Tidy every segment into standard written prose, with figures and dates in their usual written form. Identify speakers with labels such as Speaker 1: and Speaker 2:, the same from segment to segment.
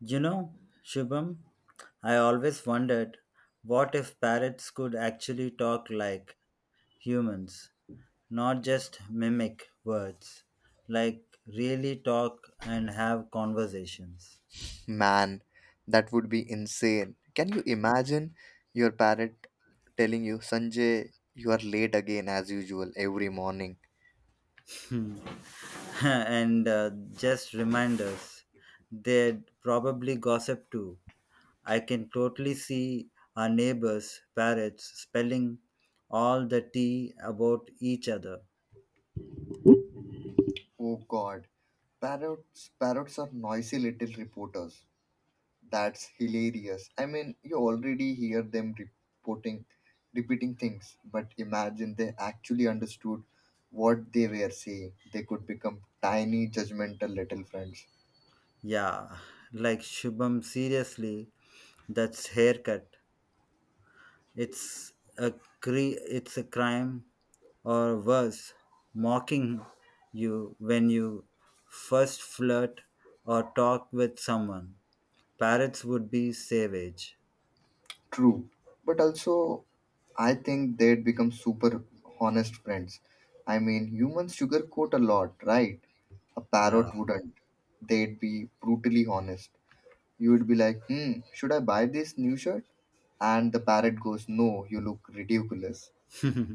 Speaker 1: You know, Shubham, I always wondered what if parrots could actually talk like humans, not just mimic words, like really talk and have conversations.
Speaker 2: Man, that would be insane. Can you imagine your parrot telling you, Sanjay, you are late again as usual every morning?
Speaker 1: and just reminders, they'd probably gossip too. I can totally see our neighbors, parrots, spelling all the tea about each other.
Speaker 2: Oh god. Parrots are noisy little reporters. That's hilarious. I mean you already hear them reporting repeating things, but imagine they actually understood what they were saying. They could become tiny judgmental little friends.
Speaker 1: Yeah, like Shubham, seriously, that's haircut. It's a it's a crime or worse, mocking you when you first flirt or talk with someone. Parrots would be savage.
Speaker 2: True, but also I think they'd become super honest friends. I mean, humans sugarcoat a lot, right? A
Speaker 1: Yeah.
Speaker 2: parrot wouldn't. They'd be brutally honest. You would be like, hmm, should I buy this new shirt? And the parrot goes, no, you look ridiculous.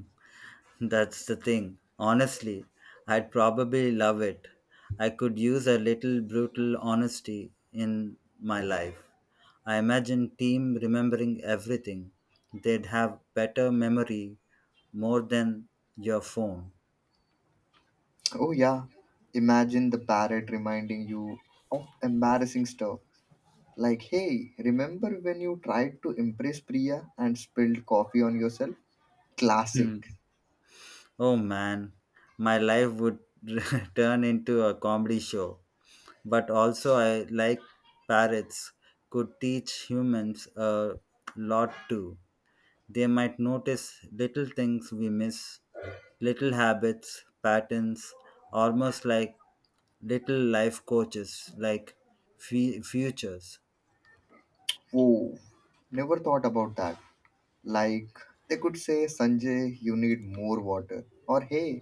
Speaker 1: That's the thing. Honestly, I'd probably love it. I could use a little brutal honesty in my life. I imagine team remembering everything. They'd have better memory more than your phone.
Speaker 2: Oh, yeah. Imagine the parrot reminding you of embarrassing stuff. Like, hey, remember when you tried to impress Priya and spilled coffee on yourself?
Speaker 1: Hmm.
Speaker 2: Classic.
Speaker 1: Oh man, my life would turn into a comedy show. But also, I like parrots could teach humans a lot too. They might notice little things we miss, little habits, patterns, almost like little life coaches, like futures.
Speaker 2: Whoa, never thought about that. Like, they could say, Sanjay, you need more water. Or, hey,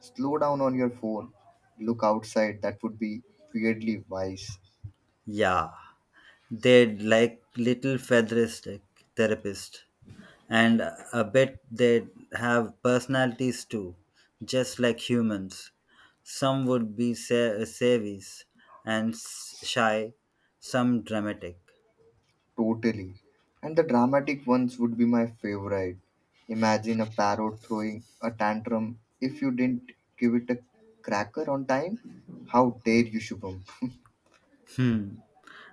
Speaker 2: slow down on your phone. Look outside. That would be weirdly wise.
Speaker 1: Yeah, they'd like little featheristic therapist, and I bet they'd have personalities too, just like humans. Some would be savvies and shy, some dramatic.
Speaker 2: Totally. And the dramatic ones would be my favorite. Imagine a parrot throwing a tantrum if you didn't give it a cracker on time. How dare you, Shubham?
Speaker 1: Hmm,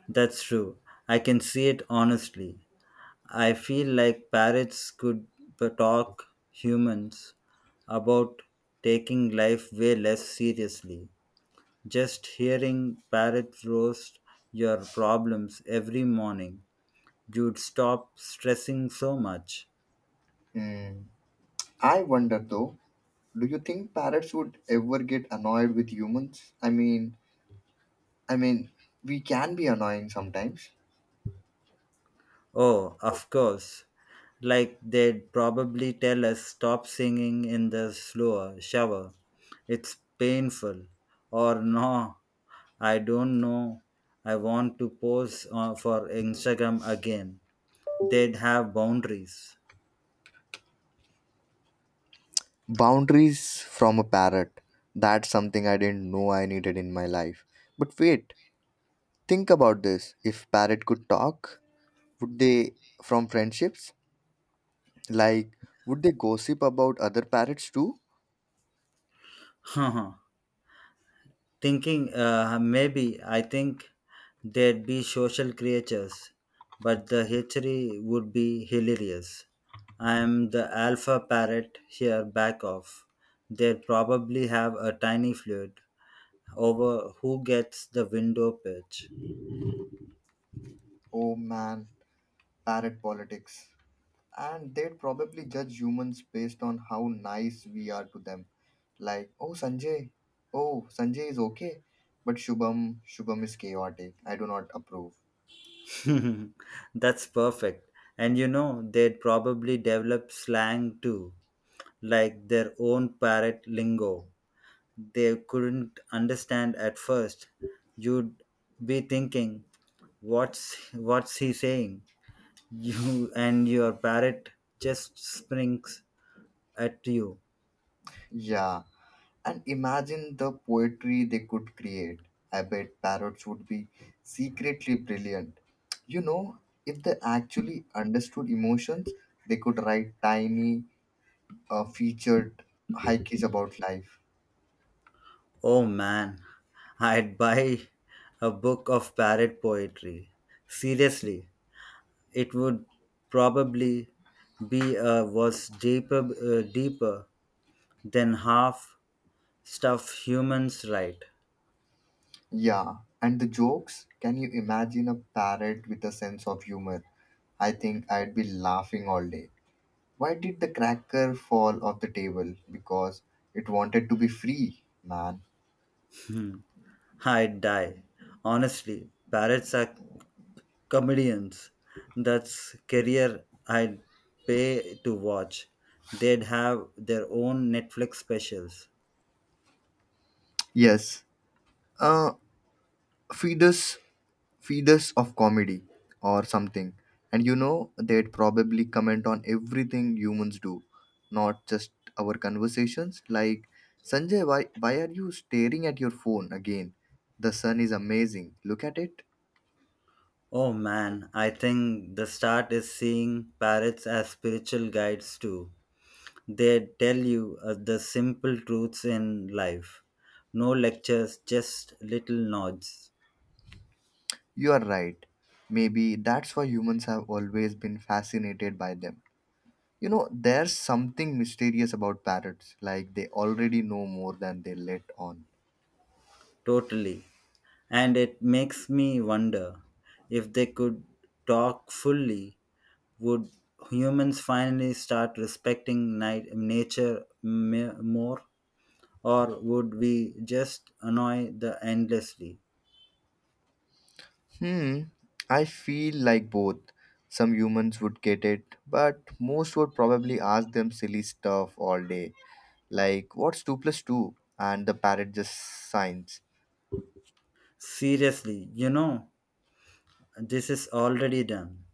Speaker 1: that's true. I can see it honestly. I feel like parrots could talk humans about taking life way less seriously. Just hearing parrots roast your problems every morning, you'd stop stressing so much.
Speaker 2: Hmm. I wonder though, do you think parrots would ever get annoyed with humans? I mean, we can be annoying sometimes.
Speaker 1: Oh, of course. Like they'd probably tell us stop singing in the slower shower. It's painful. Or no, I don't know. I want to pose for Instagram again. They'd have boundaries.
Speaker 2: Boundaries from a parrot. That's something I didn't know I needed in my life. But wait, think about this. If parrot could talk, would they from friendships? Like, would they gossip about other parrots too?
Speaker 1: Thinking maybe I think they'd be social creatures, but the history would be hilarious. I am the alpha parrot here, back off. They'd probably have a tiny feud over who gets the window pitch.
Speaker 2: Oh man, parrot politics. And they'd probably judge humans based on how nice we are to them. Like, oh Sanjay is okay, but Shubham is chaotic. I do not approve.
Speaker 1: That's perfect. And you know, they'd probably develop slang too, like their own parrot lingo. They couldn't understand at first. You'd be thinking, what's he saying? You and your parrot just springs at you.
Speaker 2: Yeah, and imagine the poetry they could create. I bet parrots would be secretly brilliant. You know, if they actually understood emotions, they could write tiny, featured haikus about life.
Speaker 1: Oh man, I'd buy a book of parrot poetry. Seriously, it would probably be was deeper deeper than half stuff humans write.
Speaker 2: Yeah, and the jokes can you imagine a parrot with a sense of humor? I think I'd be laughing all day. Why did the cracker fall off the table? Because it wanted to be free, man.
Speaker 1: I'd die. Honestly, parrots are comedians. That's career I'd pay to watch. They'd have their own Netflix specials.
Speaker 2: Yes. Uh, feeders feeders of comedy or something. And you know they'd probably comment on everything humans do, not just our conversations. Like, Sanjay, why are you staring at your phone again? The sun is amazing, look at it.
Speaker 1: Oh man, I think the start is seeing parrots as spiritual guides too. They tell you the simple truths in life. No lectures, just little nods.
Speaker 2: You are right. Maybe that's why humans have always been fascinated by them. You know, there's something mysterious about parrots. Like, they already know more than they let on.
Speaker 1: Totally. And it makes me wonder if they could talk fully. Would humans finally start respecting nature more, or would we just annoy the endlessly?
Speaker 2: Hmm, I feel like both. Some humans would get it, but most would probably ask them silly stuff all day, like what's 2 plus 2? And the parrot just signs.
Speaker 1: Seriously, you know, this is already done.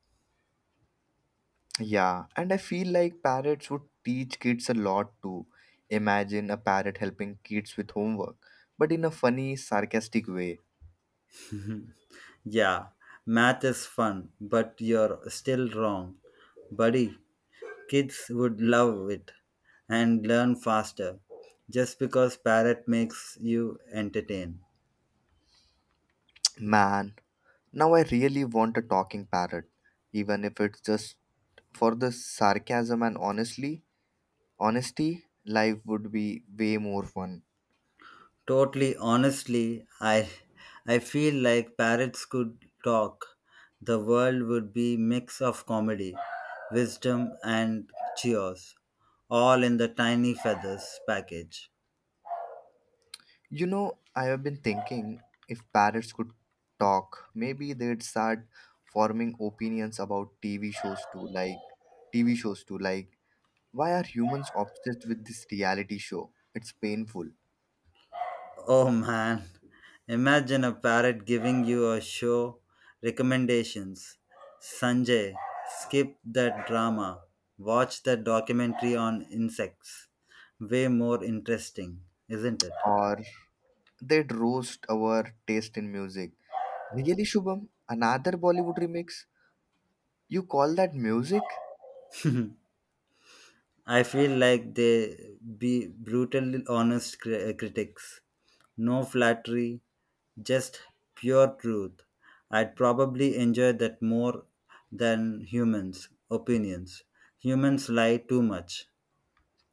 Speaker 2: Yeah, and I feel like parrots would teach kids a lot too. Imagine a parrot helping kids with homework, but in a funny, sarcastic way.
Speaker 1: Yeah, math is fun, but you're still wrong. Buddy, kids would love it and learn faster just because parrot makes you entertain.
Speaker 2: Man, now I really want a talking parrot, even if it's just for the sarcasm. And honestly Honestly, life would be way more fun.
Speaker 1: Totally honestly, I feel like parrots could talk. The world would be mix of comedy, wisdom and cheers, all in the tiny feathers package.
Speaker 2: You know, I have been thinking if parrots could talk, maybe they'd start forming opinions about TV shows too, like TV shows too, like why are humans obsessed with this reality show? It's painful.
Speaker 1: Oh man, imagine a parrot giving you a show recommendations. Sanjay, skip that drama. Watch that documentary on insects. Way more interesting, isn't it?
Speaker 2: Or they'd roast our taste in music. Really, Shubham? Another Bollywood remix? You call that music?
Speaker 1: I feel like they be brutally honest critics. No flattery, just pure truth. I'd probably enjoy that more than humans' opinions. Humans lie too much.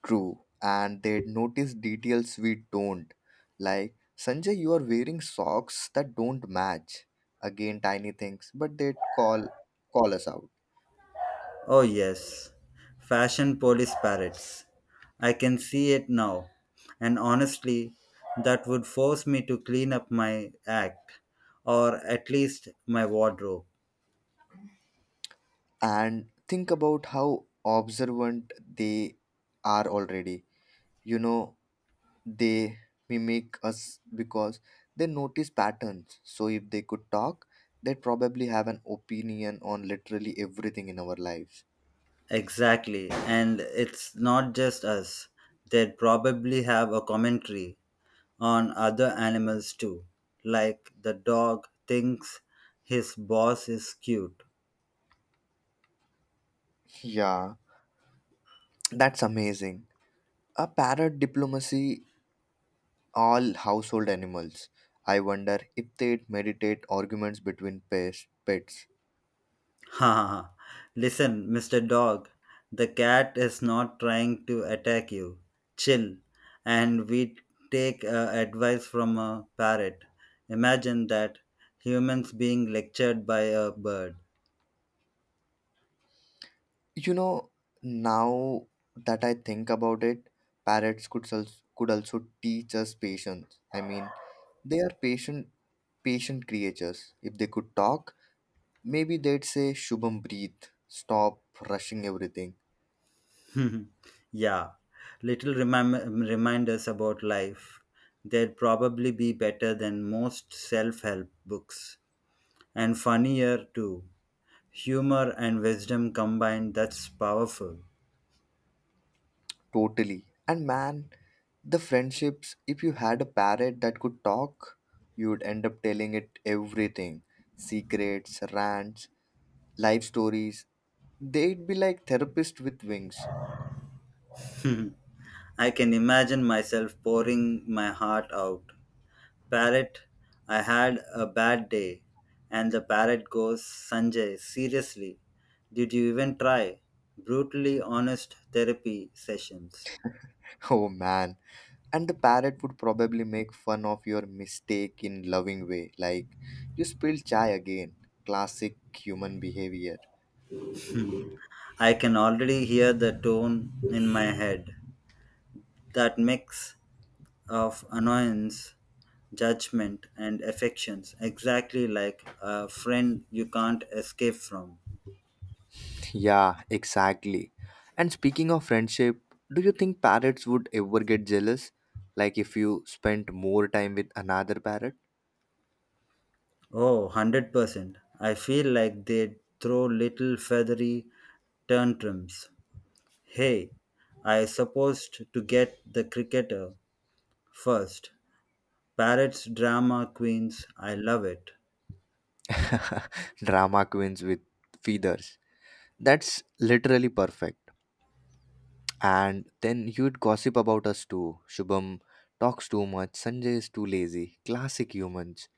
Speaker 2: True, and they notice details we don't. Like, Sanjay, you are wearing socks that don't match. Again, tiny things, but they'd call us out.
Speaker 1: Oh, yes. Fashion police parrots. I can see it now. And honestly, that would force me to clean up my act, or at least my wardrobe.
Speaker 2: And think about how observant they are already. You know, they mimic us because they notice patterns. So if they could talk, they'd probably have an opinion on literally everything in our lives.
Speaker 1: Exactly. And it's not just us. They'd probably have a commentary on other animals too. Like the dog thinks his boss is cute.
Speaker 2: Yeah, that's amazing, a parrot diplomacy all household animals. I wonder if they'd meditate arguments between pets.
Speaker 1: Ha ha. Ha. Listen, Mr. Dog, the cat is not trying to attack you. Chill. And we take advice from a parrot. Imagine that humans being lectured by a bird.
Speaker 2: You know, now that I think about it, parrots could also teach us patience. I mean, they are patient creatures. If they could talk, maybe they'd say Shubham breathe, stop rushing everything.
Speaker 1: yeah, little reminders about life. They'd probably be better than most self help books. And funnier too. Humor and wisdom combined, that's powerful.
Speaker 2: Totally. And man, the friendships, if you had a parrot that could talk, you'd end up telling it everything, secrets, rants, life stories. They'd be like therapists with wings.
Speaker 1: I can imagine myself pouring my heart out. Parrot, I had a bad day. And the parrot goes, Sanjay, seriously, did you even try? Brutally honest therapy sessions.
Speaker 2: Oh man. And the parrot would probably make fun of your mistake in loving way, like you spilled chai again. Classic human behavior.
Speaker 1: I can already hear the tone in my head. That mix of annoyance, judgment, and affections, exactly like a friend you can't escape from.
Speaker 2: Yeah, exactly. And speaking of friendship, do you think parrots would ever get jealous? Like if you spent more time with another parrot?
Speaker 1: Oh, 100%. I feel like they throw little feathery tantrums. Hey, I supposed to get the cricketer first. Parrots, drama queens, I love it.
Speaker 2: Drama queens with feathers. That's literally perfect. And then you'd gossip about us too. Shubham talks too much, Sanjay is too lazy. Classic humans.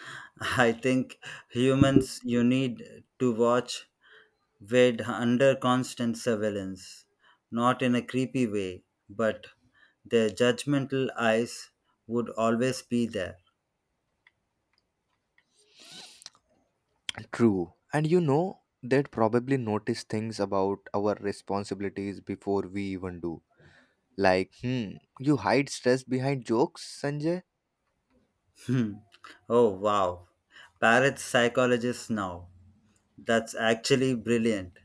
Speaker 1: I think humans, you need to watch. We're under constant surveillance, not in a creepy way, but their judgmental eyes would always be there.
Speaker 2: True. And you know, they'd probably notice things about our responsibilities before we even do. Like, hmm, you hide stress behind jokes, Sanjay?
Speaker 1: Hmm. Oh, wow. Parrots psychologists now. That's actually brilliant.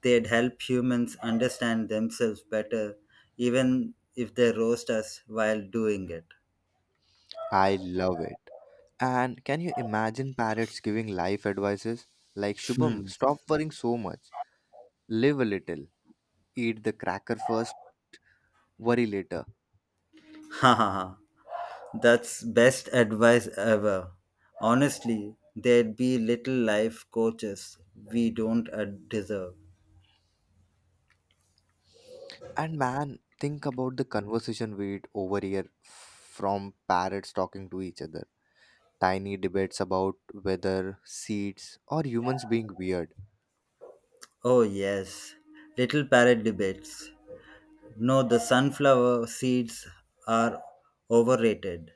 Speaker 1: They'd help humans understand themselves better, even if they roast us while doing it.
Speaker 2: I love it. And can you imagine parrots giving life advices? Like, Shubham,
Speaker 1: Hmm.
Speaker 2: stop worrying so much. Live a little. Eat the cracker first, worry later.
Speaker 1: Ha ha ha. That's best advice ever. Honestly, there'd be little life coaches we don't deserve.
Speaker 2: And man, think about the conversation we'd overhear from parrots talking to each other. Tiny debates about whether seeds or humans being weird.
Speaker 1: Oh, yes, little parrot debates. No, the sunflower seeds are overrated.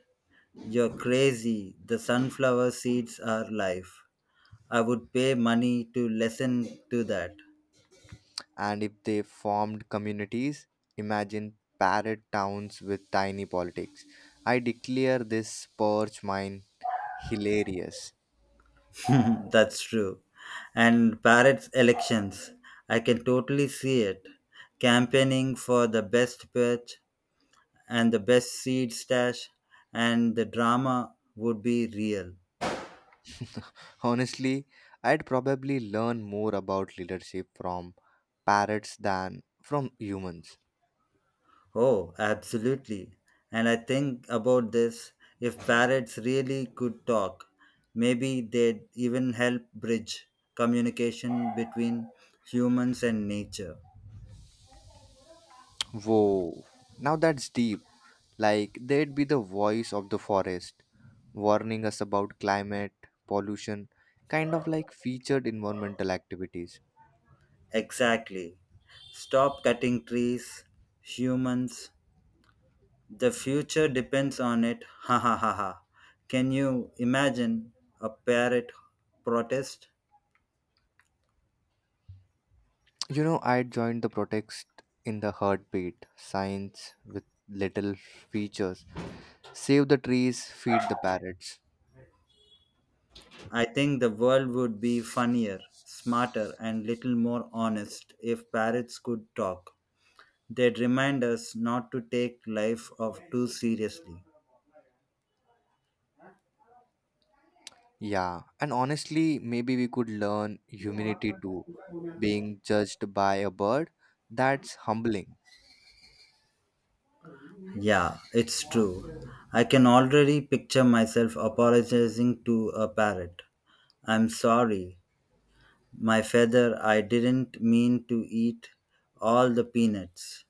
Speaker 1: You're crazy. The sunflower seeds are life. I would pay money to listen to that.
Speaker 2: And if they formed communities, imagine parrot towns with tiny politics. I declare this perch mine, hilarious.
Speaker 1: That's true. And Barrett's elections, I can totally see it. Campaigning for the best pitch and the best seed stash, and the drama would be real.
Speaker 2: Honestly, I'd probably learn more about leadership from parrots than from humans.
Speaker 1: Oh, absolutely. And I think about this if parrots really could talk, maybe they'd even help bridge communication between humans and nature.
Speaker 2: Whoa, now that's deep. Like, they'd be the voice of the forest, warning us about climate, pollution, kind of like featured environmental activities.
Speaker 1: Exactly. Stop cutting trees, humans, the future depends on it. Ha ha ha ha. Can you imagine a parrot protest?
Speaker 2: You know, I joined the protest in the heartbeat, signs with little features. Save the trees, feed the parrots.
Speaker 1: I think the world would be funnier, smarter, and little more honest if parrots could talk. They'd remind us not to take life of too seriously.
Speaker 2: Yeah, and honestly, maybe we could learn humility too. Being judged by a bird, that's humbling.
Speaker 1: Yeah, it's true. I can already picture myself apologizing to a parrot. I'm sorry, my feather, I didn't mean to eat all the peanuts.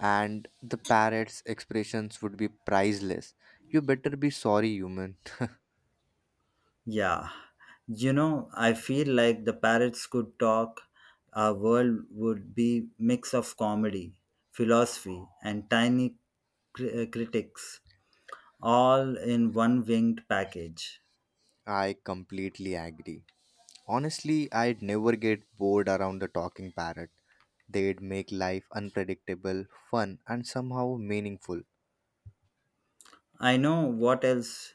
Speaker 2: And the parrot's expressions would be priceless. You better be sorry, human.
Speaker 1: Yeah, you know, I feel like the parrots could talk, our world would be mix of comedy, philosophy, and tiny critics, all in one winged package.
Speaker 2: I completely agree. Honestly, I'd never get bored around the talking parrot. They'd make life unpredictable, fun, and somehow meaningful.
Speaker 1: I know what else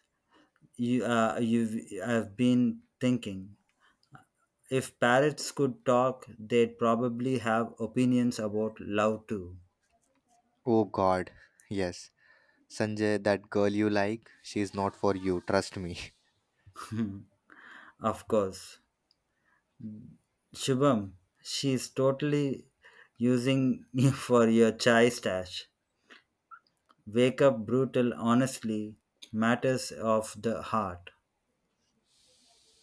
Speaker 1: you you've have been thinking. If parrots could talk, they'd probably have opinions about love too.
Speaker 2: Oh god, yes. Sanjay, that girl you like, she's not for you, trust me.
Speaker 1: Of course. Shubham, she's totally using you for your chai stash. Wake up brutal, honestly, matters of the heart.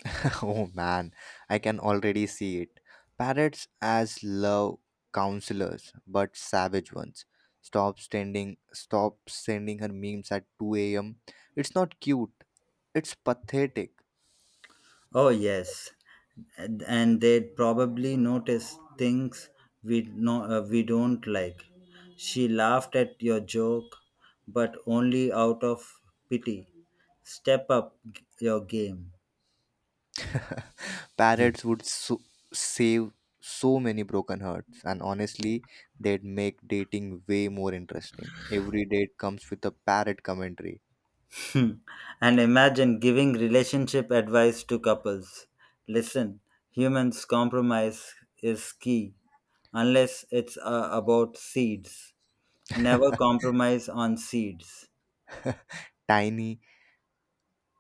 Speaker 2: Oh man, I can already see it. Parrots as love counselors, but savage ones. Stop sending her memes at 2 a.m. It's not cute. It's pathetic.
Speaker 1: Oh, yes. And they'd probably notice things we, no, we don't like. She laughed at your joke, but only out of pity. Step up your game.
Speaker 2: Parrots would save so many broken hearts, and honestly, they'd make dating way more interesting. Every date comes with a parrot commentary.
Speaker 1: And imagine giving relationship advice to couples. Listen, humans compromise is key, unless it's about seeds. Never compromise on seeds.
Speaker 2: Tiny,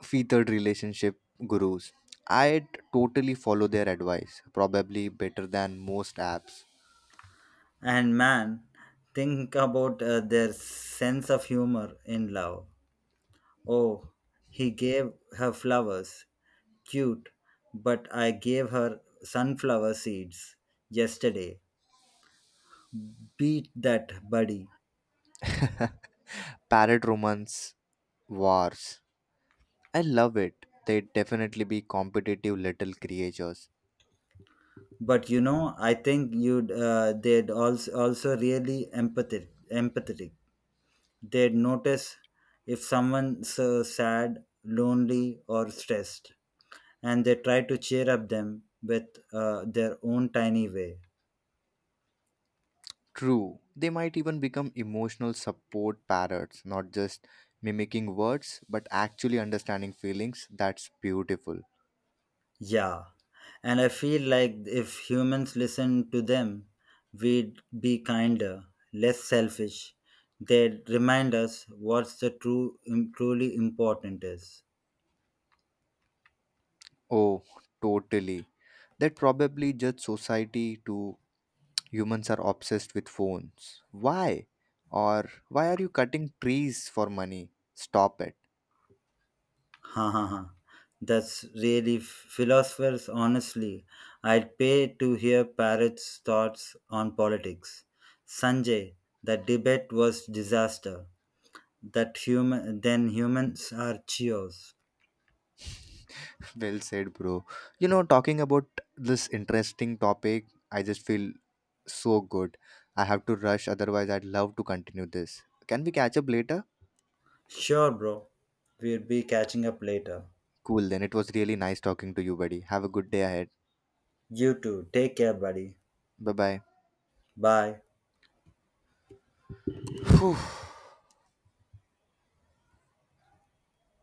Speaker 2: feathered relationship gurus. I'd totally follow their advice, probably better than most apps.
Speaker 1: And man, think about their sense of humor in love. Oh, he gave her flowers. Cute, but I gave her sunflower seeds yesterday. Beat that, buddy.
Speaker 2: Parrot romance wars. I love it. They'd definitely be competitive little creatures.
Speaker 1: But you know I think you'd they'd also really empathetic, they'd notice if someone's sad, lonely or stressed, and they try to cheer up them with their own tiny way.
Speaker 2: True, they might even become emotional support parrots, not just mimicking words, but actually understanding feelings. That's beautiful.
Speaker 1: Yeah, and I feel like if humans listened to them, we'd be kinder, less selfish. They'd remind us what's the truly important is.
Speaker 2: Oh, totally. That probably judge society to humans are obsessed with phones. Why? Or why are you cutting trees for money? Stop it.
Speaker 1: Ha ha ha. That's really philosophers, honestly. I'd pay to hear Parrot's thoughts on politics. Sanjay, the debate was disaster. That human then humans are cheers.
Speaker 2: Well said, bro. You know, talking about this interesting topic, I just feel so good. I have to rush, otherwise, I'd love to continue this. Can we catch up later?
Speaker 1: Sure bro. We'll be catching up later.
Speaker 2: Cool, then. It was really nice talking to you, buddy. Have a good day ahead.
Speaker 1: You too. Take care, buddy.
Speaker 2: Bye bye.
Speaker 1: Bye.
Speaker 2: Whew,